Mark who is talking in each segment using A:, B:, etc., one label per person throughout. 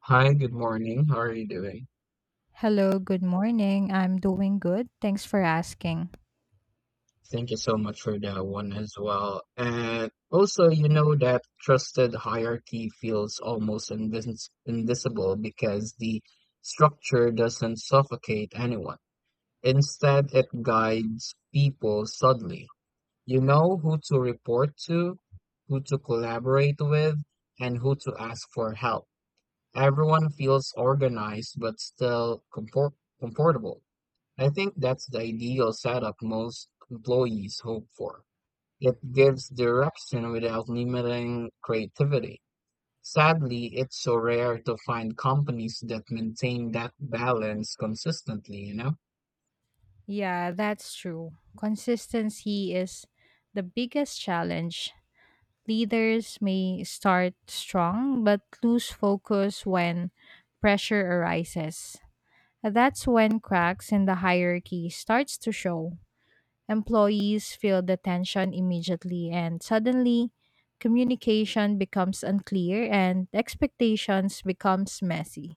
A: Hi, good morning. How are you doing?
B: Hello, good morning. I'm doing good. Thanks for asking.
A: Thank you so much for that one as well. And also, you know that trusted hierarchy feels almost invisible because the structure doesn't suffocate anyone. Instead, it guides people subtly. You know who to report to, who to collaborate with, and who to ask for help. Everyone feels organized but still compor comfortable. I think that's the ideal setup most employees hope for. It gives direction without limiting creativity. Sadly, it's so rare to find companies that maintain that balance consistently, you know?
B: Yeah, that's true. Consistency is the biggest challenge. Leaders may start strong but lose focus when pressure arises. That's when cracks in the hierarchy starts to show. Employees feel the tension immediately and suddenly communication becomes unclear and expectations becomes messy.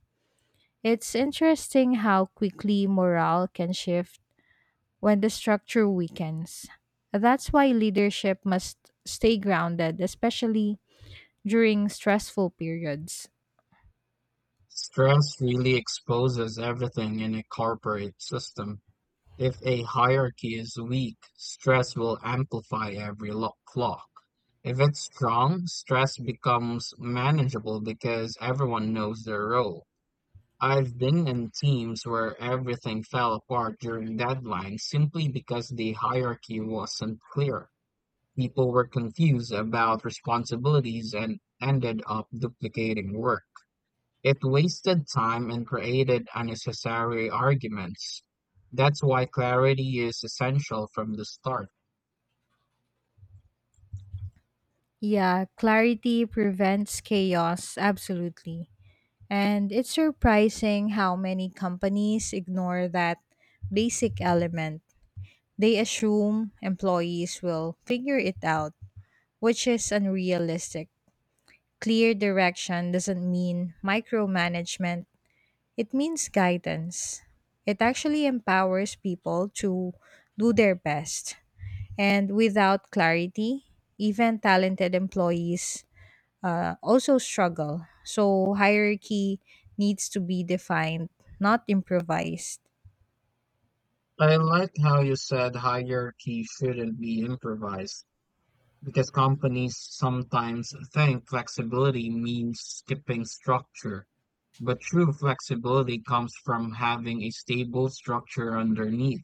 B: It's interesting how quickly morale can shift when the structure weakens. That's why leadership must stay grounded, especially during stressful periods.
A: Stress really exposes everything in a corporate system. If a hierarchy is weak, stress will amplify every flaw. If it's strong, stress becomes manageable because everyone knows their role. I've been in teams where everything fell apart during deadlines simply because the hierarchy wasn't clear. People were confused about responsibilities and ended up duplicating work. It wasted time and created unnecessary arguments. That's why clarity is essential from the start.
B: Yeah, clarity prevents chaos, absolutely. And it's surprising how many companies ignore that basic element. They assume employees will figure it out, which is unrealistic. Clear direction doesn't mean micromanagement, it means guidance. It actually empowers people to do their best. And without clarity, even talented employees also struggle. So, hierarchy needs to be defined, not improvised.
A: I like how you said hierarchy shouldn't be improvised, because companies sometimes think flexibility means skipping structure, but true flexibility comes from having a stable structure underneath.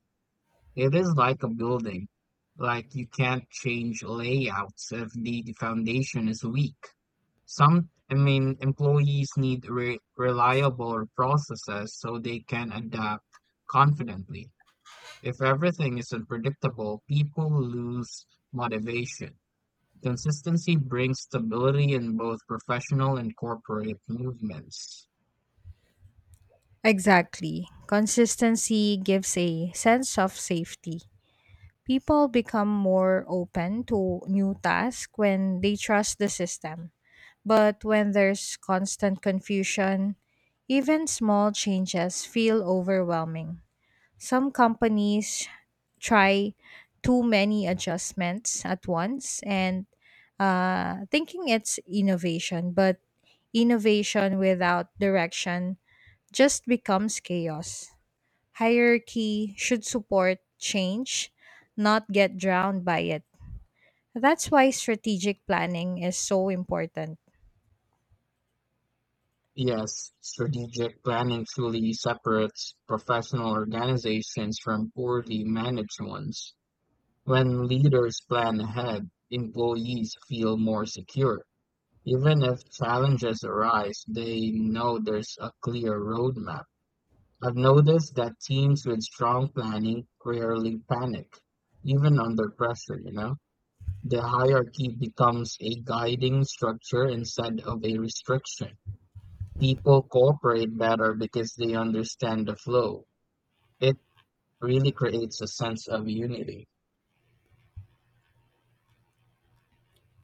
A: It is like a building, like you can't change layouts if the foundation is weak. Some, I mean, employees need re reliable processes so they can adapt confidently. If everything is unpredictable, people lose motivation. Consistency brings stability in both professional and corporate movements.
B: Exactly. Consistency gives a sense of safety. People become more open to new tasks when they trust the system. But when there's constant confusion, even small changes feel overwhelming. Some companies try too many adjustments at once and thinking it's innovation, but innovation without direction just becomes chaos. Hierarchy should support change, not get drowned by it. That's why strategic planning is so important.
A: Yes, strategic planning truly separates professional organizations from poorly managed ones. When leaders plan ahead, employees feel more secure. Even if challenges arise, they know there's a clear roadmap. I've noticed that teams with strong planning rarely panic, even under pressure, you know? The hierarchy becomes a guiding structure instead of a restriction. People cooperate better because they understand the flow. It really creates a sense of unity.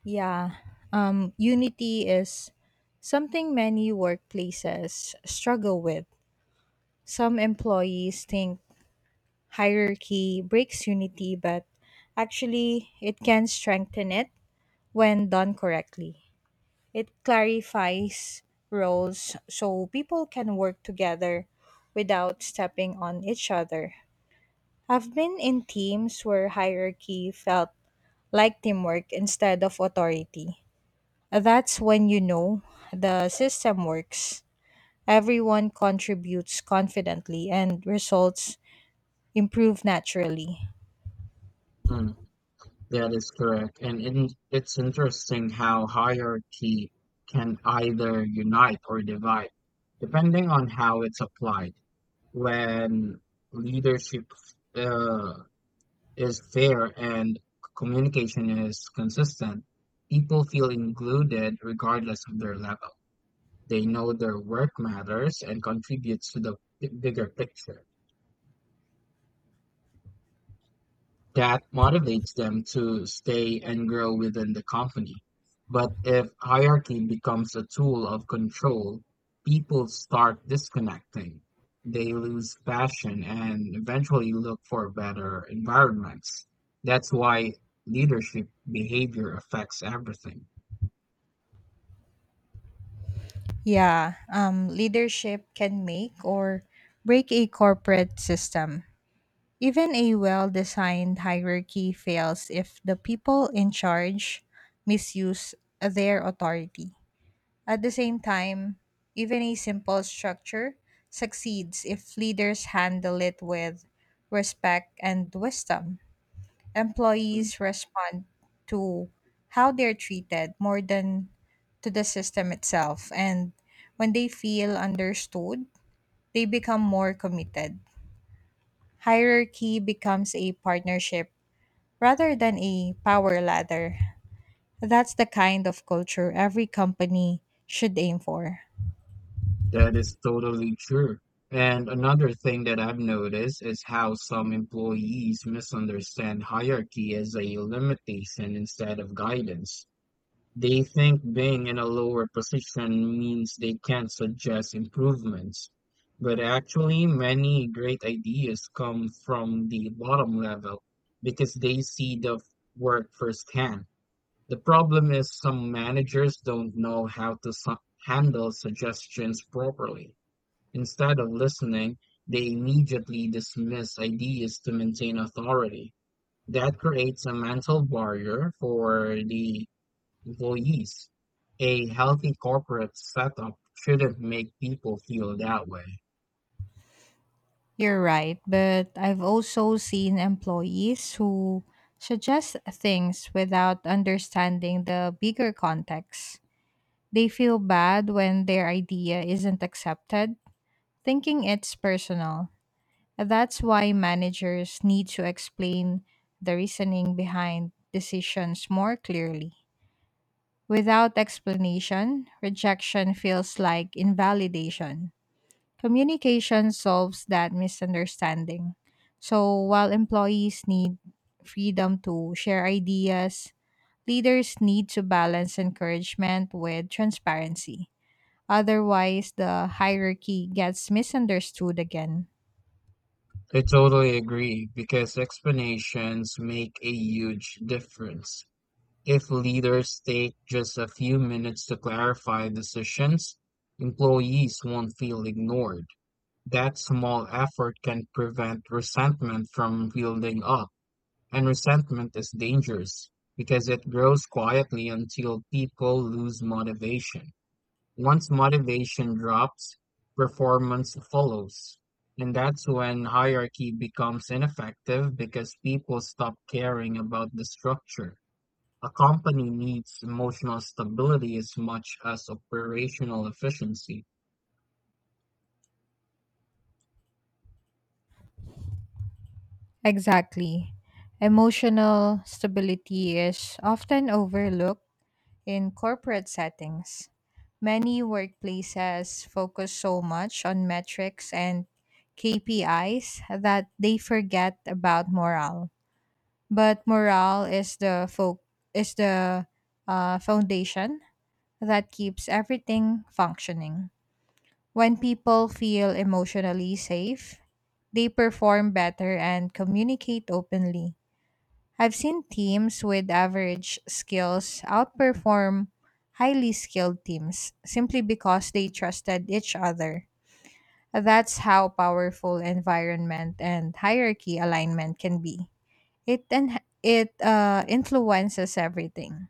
B: Yeah, unity is something many workplaces struggle with. Some employees think hierarchy breaks unity, but actually, it can strengthen it when done correctly. It clarifies roles so people can work together without stepping on each other. I've been in teams where hierarchy felt like teamwork instead of authority. That's when you know the system works. Everyone contributes confidently and results improve naturally.
A: Mm, that is correct. And in, it's interesting how hierarchy can either unite or divide, depending on how it's applied. When leadership uh, is fair and communication is consistent, people feel included regardless of their level. They know their work matters and contributes to the bigger picture. That motivates them to stay and grow within the company. But if hierarchy becomes a tool of control, people start disconnecting. They lose passion and eventually look for better environments. That's why leadership behavior affects everything.
B: Yeah, leadership can make or break a corporate system. Even a well designed hierarchy fails if the people in charge misuse their authority. At the same time, even a simple structure succeeds if leaders handle it with respect and wisdom. Employees respond to how they're treated more than to the system itself. And when they feel understood, they become more committed. Hierarchy becomes a partnership rather than a power ladder. That's the kind of culture every company should aim for.
A: That is totally true. And another thing that I've noticed is how some employees misunderstand hierarchy as a limitation instead of guidance. They think being in a lower position means they can't suggest improvements. But actually, many great ideas come from the bottom level because they see the work firsthand. The problem is some managers don't know how to handle suggestions properly. Instead of listening, they immediately dismiss ideas to maintain authority. That creates a mental barrier for the employees. A healthy corporate setup shouldn't make people feel that way.
B: You're right, but I've also seen employees who suggest things without understanding the bigger context. They feel bad when their idea isn't accepted, thinking it's personal. That's why managers need to explain the reasoning behind decisions more clearly. Without explanation, rejection feels like invalidation. Communication solves that misunderstanding. So while employees need freedom to share ideas, leaders need to balance encouragement with transparency. Otherwise, the hierarchy gets misunderstood again.
A: I totally agree because explanations make a huge difference. If leaders take just a few minutes to clarify decisions, employees won't feel ignored. That small effort can prevent resentment from building up. And resentment is dangerous because it grows quietly until people lose motivation. Once motivation drops, performance follows. And that's when hierarchy becomes ineffective because people stop caring about the structure. A company needs emotional stability as much as operational efficiency.
B: Exactly. Emotional stability is often overlooked in corporate settings. Many workplaces focus so much on metrics and KPIs that they forget about morale. But morale is the foundation that keeps everything functioning. When people feel emotionally safe, they perform better and communicate openly. I've seen teams with average skills outperform highly skilled teams simply because they trusted each other. That's how powerful environment and hierarchy alignment can be. It influences everything.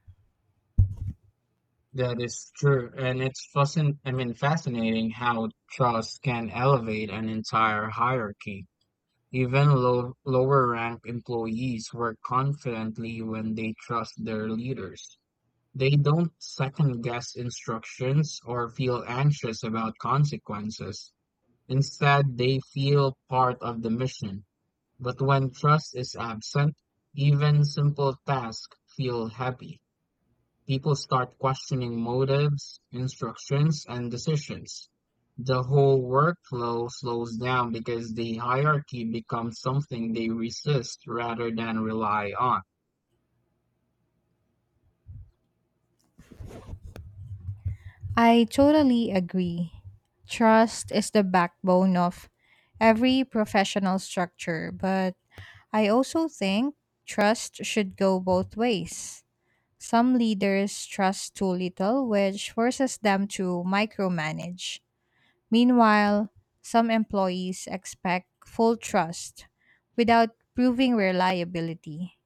A: That is true, and it's I mean, fascinating how trust can elevate an entire hierarchy. Even lower rank employees work confidently when they trust their leaders. They don't second guess instructions or feel anxious about consequences. Instead, they feel part of the mission. But when trust is absent, even simple tasks feel heavy. People start questioning motives, instructions, and decisions. The whole workflow slows down because the hierarchy becomes something they resist rather than rely on.
B: I totally agree. Trust is the backbone of every professional structure, but I also think trust should go both ways. Some leaders trust too little, which forces them to micromanage. Meanwhile, some employees expect full trust without proving reliability.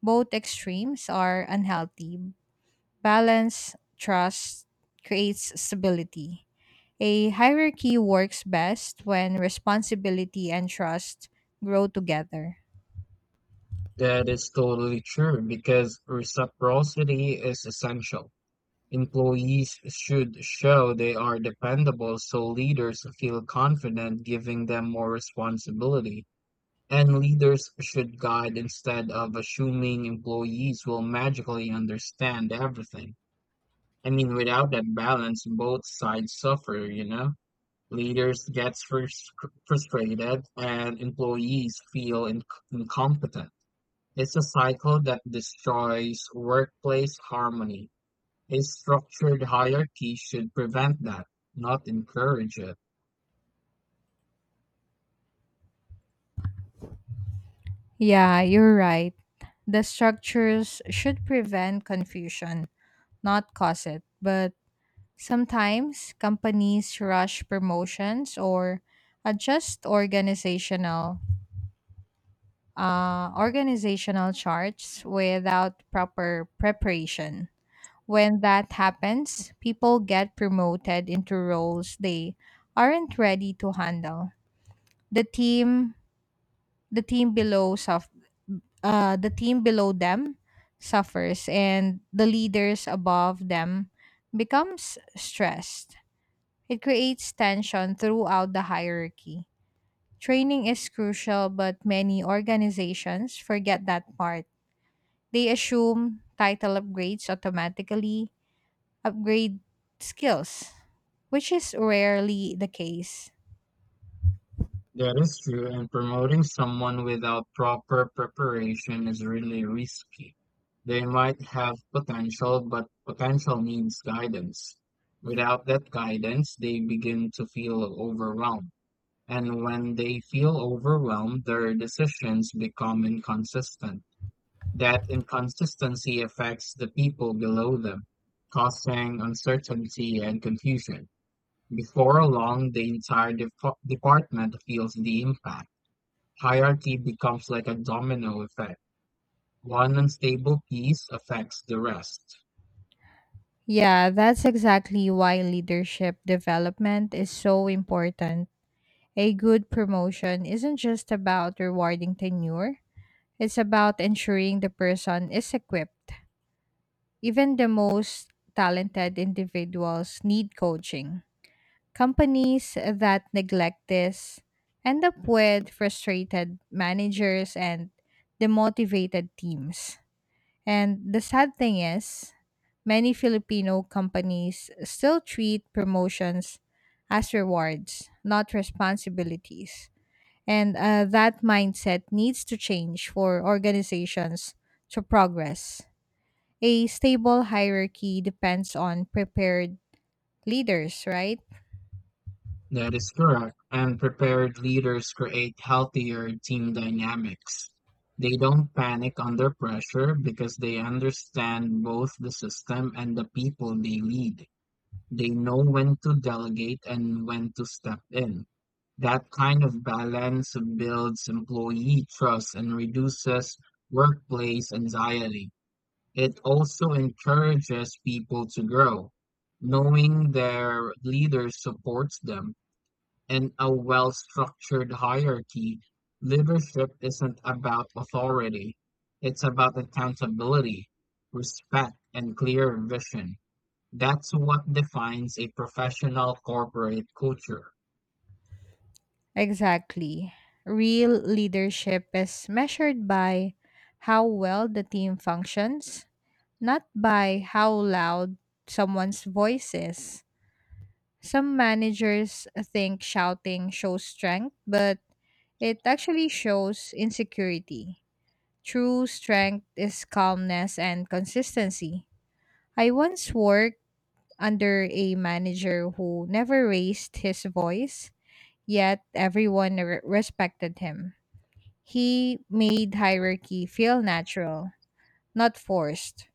B: Both extremes are unhealthy. Balanced trust creates stability. A hierarchy works best when responsibility and trust grow together.
A: That is totally true because reciprocity is essential. Employees should show they are dependable so leaders feel confident giving them more responsibility. And leaders should guide instead of assuming employees will magically understand everything. I mean, without that balance, both sides suffer, you know? Leaders gets frustrated and employees feel incompetent. It's a cycle that destroys workplace harmony. A structured hierarchy should prevent that, not encourage it.
B: Yeah, you're right. The structures should prevent confusion, not cause it. But sometimes companies rush promotions or adjust organizational charts without proper preparation. When that happens, people get promoted into roles they aren't ready to handle. The team the team below suf- the team below them suffers and the leaders above them becomes stressed. It creates tension throughout the hierarchy. Training is crucial, but many organizations forget that part. They assume title upgrades automatically upgrade skills, which is rarely the case.
A: That is true, and promoting someone without proper preparation is really risky. They might have potential, but potential needs guidance. Without that guidance, they begin to feel overwhelmed. And when they feel overwhelmed, their decisions become inconsistent. That inconsistency affects the people below them, causing uncertainty and confusion. Before long, the entire department feels the impact. Hierarchy becomes like a domino effect. One unstable piece affects the rest.
B: Yeah, that's exactly why leadership development is so important. A good promotion isn't just about rewarding tenure, it's about ensuring the person is equipped. Even the most talented individuals need coaching. Companies that neglect this end up with frustrated managers and demotivated teams. And the sad thing is, many Filipino companies still treat promotions as rewards, not responsibilities. And that mindset needs to change for organizations to progress. A stable hierarchy depends on prepared leaders, right?
A: That is correct. And prepared leaders create healthier team dynamics. They don't panic under pressure because they understand both the system and the people they lead. They know when to delegate and when to step in. That kind of balance builds employee trust and reduces workplace anxiety. It also encourages people to grow, knowing their leader supports them. In a well structured hierarchy, leadership isn't about authority, it's about accountability, respect, and clear vision. That's what defines a professional corporate culture.
B: Exactly. Real leadership is measured by how well the team functions, not by how loud someone's voice is. Some managers think shouting shows strength, but it actually shows insecurity. True strength is calmness and consistency. I once worked under a manager who never raised his voice, yet everyone respected him. He made hierarchy feel natural, not forced.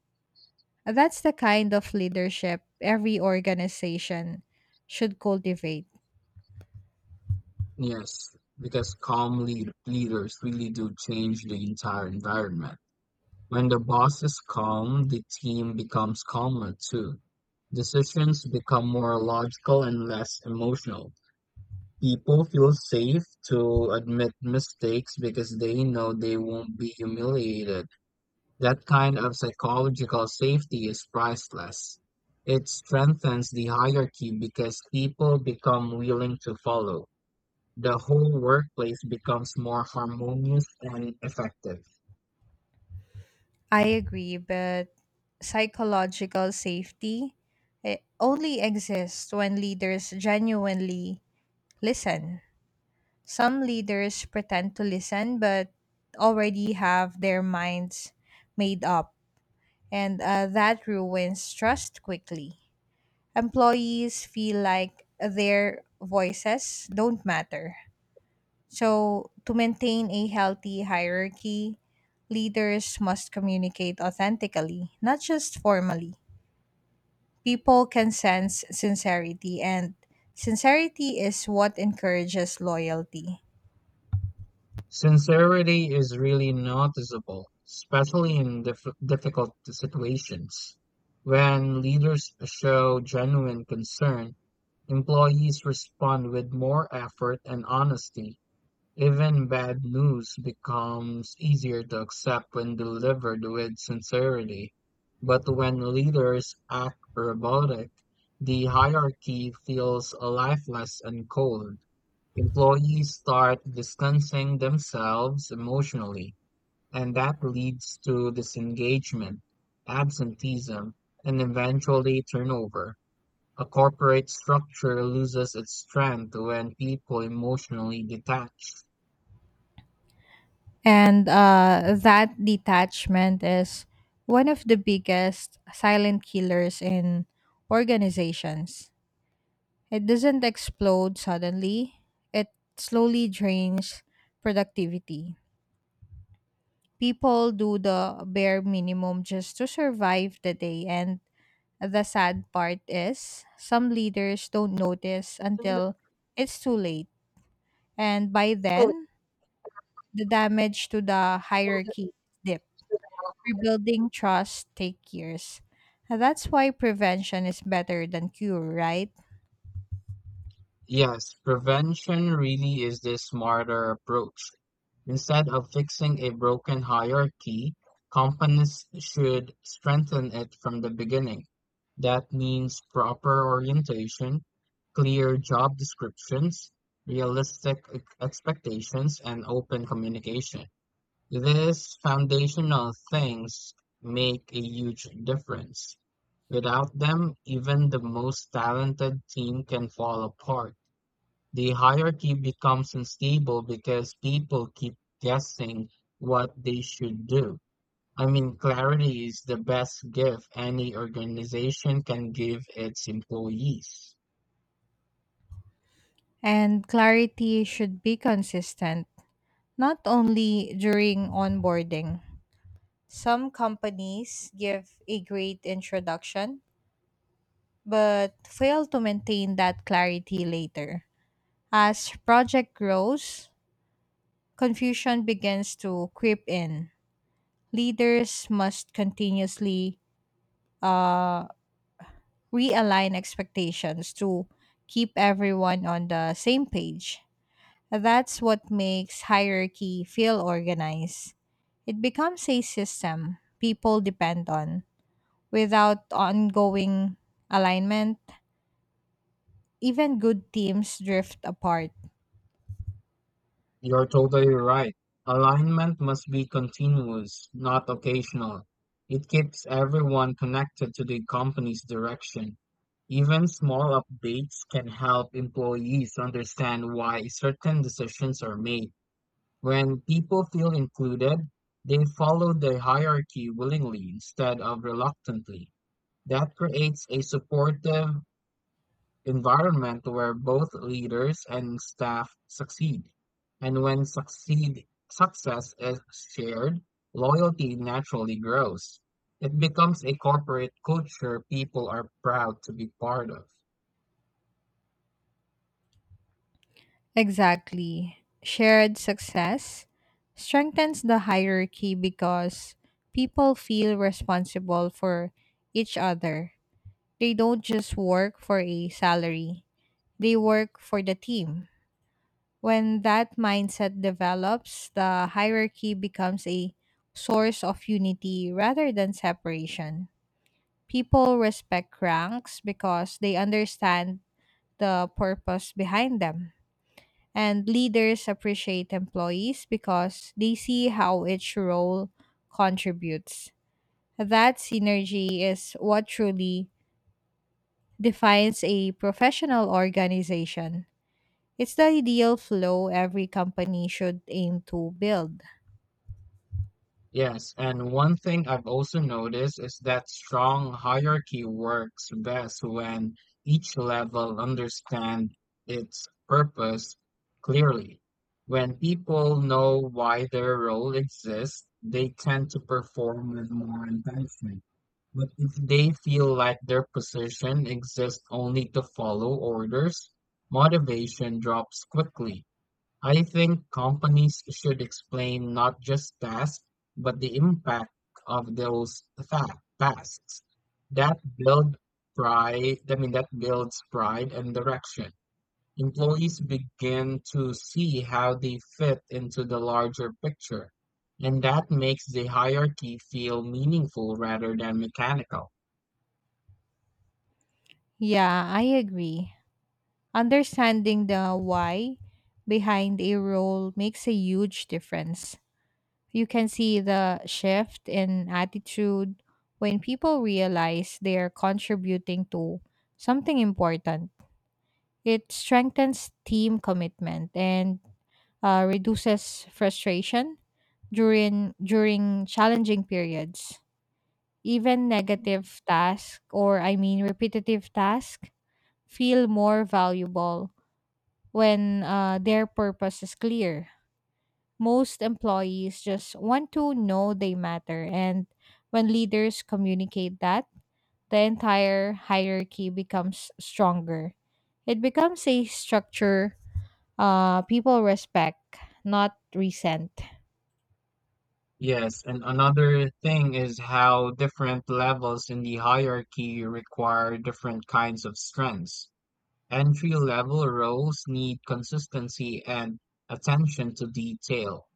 B: That's the kind of leadership every organization should cultivate.
A: Yes, because calm leaders really do change the entire environment. When the boss is calm, the team becomes calmer too. Decisions become more logical and less emotional. People feel safe to admit mistakes because they know they won't be humiliated. That kind of psychological safety is priceless. It strengthens the hierarchy because people become willing to follow. The whole workplace becomes more harmonious and effective.
B: I agree, but psychological safety, it only exists when leaders genuinely listen. Some leaders pretend to listen but already have their minds made up, and that ruins trust quickly. Employees feel like their voices don't matter. So, to maintain a healthy hierarchy, leaders must communicate authentically, not just formally. People can sense sincerity, and sincerity is what encourages loyalty.
A: Sincerity is really noticeable, especially in difficult situations. When leaders show genuine concern, employees respond with more effort and honesty. Even bad news becomes easier to accept when delivered with sincerity. But when leaders act robotic, the hierarchy feels lifeless and cold. Employees start distancing themselves emotionally, and that leads to disengagement, absenteeism, and eventually turnover. A corporate structure loses its strength when people emotionally detach.
B: And that detachment is one of the biggest silent killers in organizations. It doesn't explode suddenly, it slowly drains productivity. People do the bare minimum just to survive the day. And the sad part is, some leaders don't notice until it's too late. And by then, the damage to the hierarchy is deep. Rebuilding trust take years. That's why prevention is better than cure, right?
A: Yes, prevention really is the smarter approach. Instead of fixing a broken hierarchy, companies should strengthen it from the beginning. That means proper orientation, clear job descriptions, realistic expectations, and open communication. These foundational things make a huge difference. Without them, even the most talented team can fall apart. The hierarchy becomes unstable because people keep guessing what they should do. I mean, clarity is the best gift any organization can give its employees.
B: And clarity should be consistent, not only during onboarding. Some companies give a great introduction, but fail to maintain that clarity later. As project grows, confusion begins to creep in. Leaders must continuously uh, realign expectations to keep everyone on the same page. That's what makes hierarchy feel organized. It becomes a system people depend on. Without ongoing alignment, even good teams drift apart.
A: You're totally right. Alignment must be continuous, not occasional. It keeps everyone connected to the company's direction. Even small updates can help employees understand why certain decisions are made. When people feel included, they follow the hierarchy willingly instead of reluctantly. That creates a supportive environment where both leaders and staff succeed. And when succeed, success is shared, loyalty naturally grows. It becomes a corporate culture people are proud to be part of.
B: Exactly. Shared success strengthens the hierarchy because people feel responsible for each other. They don't just work for a salary, they work for the team. When that mindset develops, the hierarchy becomes a source of unity rather than separation. People respect ranks because they understand the purpose behind them. And leaders appreciate employees because they see how each role contributes. That synergy is what truly defines a professional organization. It's the ideal flow every company should aim to build.
A: Yes, and one thing I've also noticed is that strong hierarchy works best when each level understands its purpose clearly. When people know why their role exists, they tend to perform with more intention. But if they feel like their position exists only to follow orders, motivation drops quickly. I think companies should explain not just tasks, but the impact of those tasks. That build pride, I mean, that builds pride and direction. Employees begin to see how they fit into the larger picture, and that makes the hierarchy feel meaningful rather than mechanical.
B: Yeah, I agree. Understanding the why behind a role makes a huge difference. You can see the shift in attitude when people realize they're contributing to something important. It strengthens team commitment and reduces frustration during challenging periods. Even negative task or I mean repetitive task feel more valuable when their purpose is clear. Most employees just want to know they matter, and when leaders communicate that, the entire hierarchy becomes stronger. It becomes a structure people respect, not resent.
A: Yes, and another thing is how different levels in the hierarchy require different kinds of strengths. Entry-level roles need consistency and attention to detail.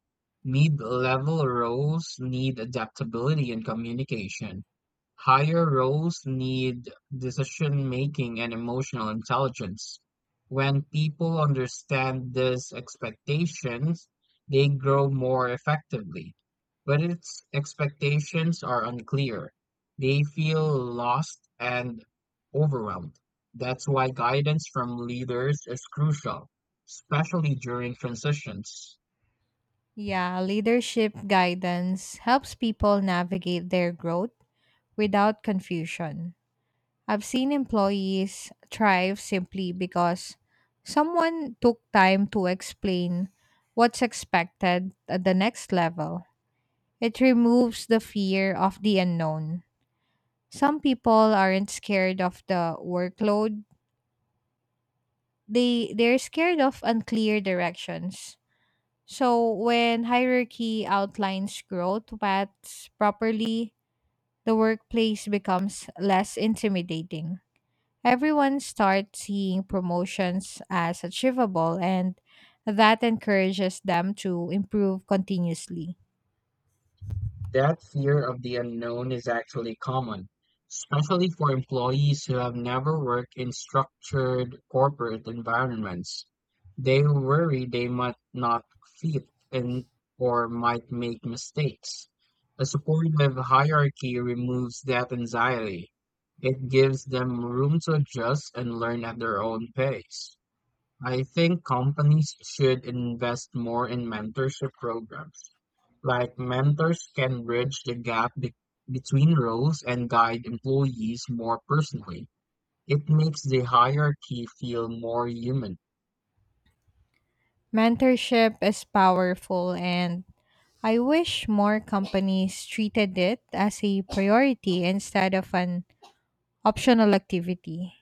A: Mid-level roles need adaptability and communication. Higher roles need decision-making and emotional intelligence. When people understand these expectations, they grow more effectively. But if expectations are unclear, they feel lost and overwhelmed. That's why guidance from leaders is crucial, especially during transitions.
B: Yeah, leadership guidance helps people navigate their growth without confusion. I've seen employees thrive simply because someone took time to explain what's expected at the next level. It removes the fear of the unknown. Some people aren't scared of the workload. They're scared of unclear directions. So when hierarchy outlines growth paths properly, the workplace becomes less intimidating. Everyone starts seeing promotions as achievable, and that encourages them to improve continuously.
A: That fear of the unknown is actually common, especially for employees who have never worked in structured corporate environments. They worry they might not fit in or might make mistakes. A supportive hierarchy removes that anxiety. It gives them room to adjust and learn at their own pace. I think companies should invest more in mentorship programs. Like mentors can bridge the gap between roles and guide employees more personally. It makes the hierarchy feel more human.
B: Mentorship is powerful, and I wish more companies treated it as a priority instead of an optional activity.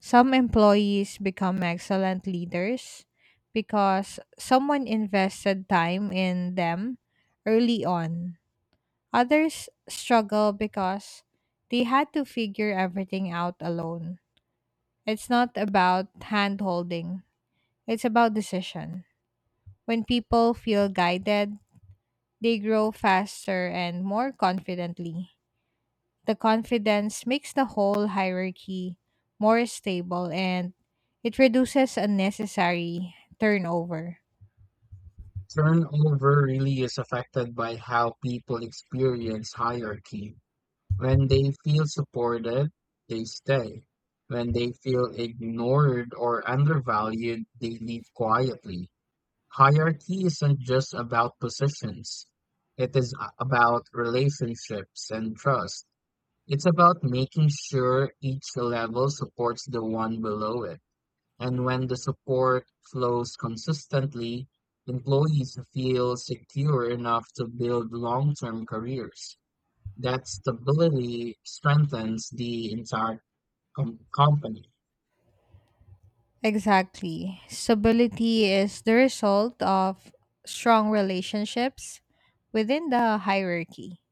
B: Some employees become excellent leaders because someone invested time in them early on. Others struggle because they had to figure everything out alone. It's not about hand holding, it's about decision. When people feel guided, they grow faster and more confidently. The confidence makes the whole hierarchy more stable and it reduces unnecessary turnover.
A: Turnover really is affected by how people experience hierarchy. When they feel supported, they stay. When they feel ignored or undervalued, they leave quietly. Hierarchy isn't just about positions. It is about relationships and trust. It's about making sure each level supports the one below it. And when the support flows consistently, employees feel secure enough to build long-term careers. That stability strengthens the entire company.
B: Exactly. Stability is the result of strong relationships within the hierarchy.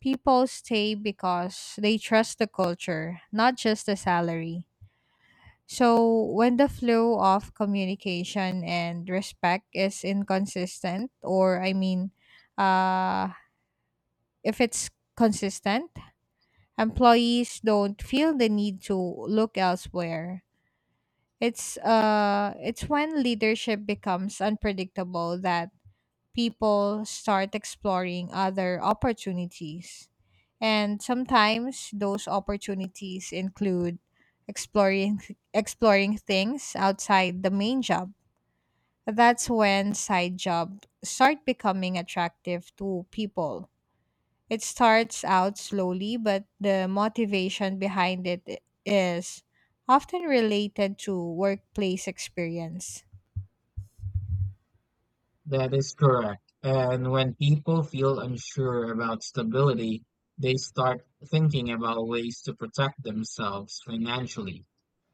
B: People stay because they trust the culture, not just the salary. So, when the flow of communication and respect is inconsistent, or I mean, uh, if it's consistent, employees don't feel the need to look elsewhere. It's when leadership becomes unpredictable that people start exploring other opportunities. And sometimes those opportunities include exploring exploring things outside the main job. That's when side jobs start becoming attractive to people. It starts out slowly, but the motivation behind it is often related to workplace experience.
A: That is correct. And when people feel unsure about stability, they start thinking about ways to protect themselves financially.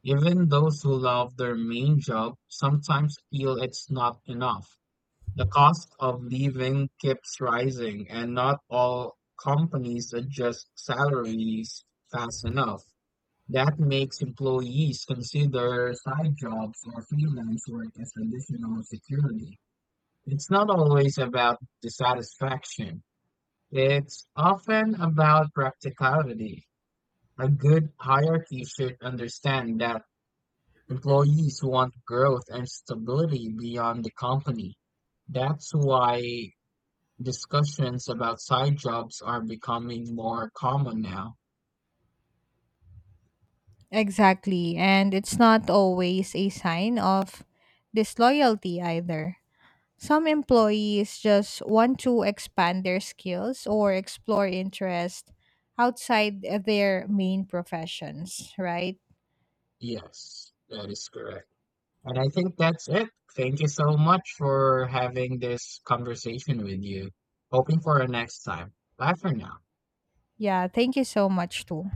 A: Even those who love their main job sometimes feel it's not enough. The cost of living keeps rising, and not all companies adjust salaries fast enough. That makes employees consider side jobs or freelance work as additional security. It's not always about dissatisfaction. It's often about practicality. A good hierarchy should understand that employees want growth and stability beyond the company. That's why discussions about side jobs are becoming more common now.
B: Exactly, and it's not always a sign of disloyalty either. Some employees just want to expand their skills or explore interest outside their main professions, right?
A: Yes, that is correct. And I think that's it. Thank you so much for having this conversation with you. Hoping for a next time. Bye for now.
B: Yeah, thank you so much, too.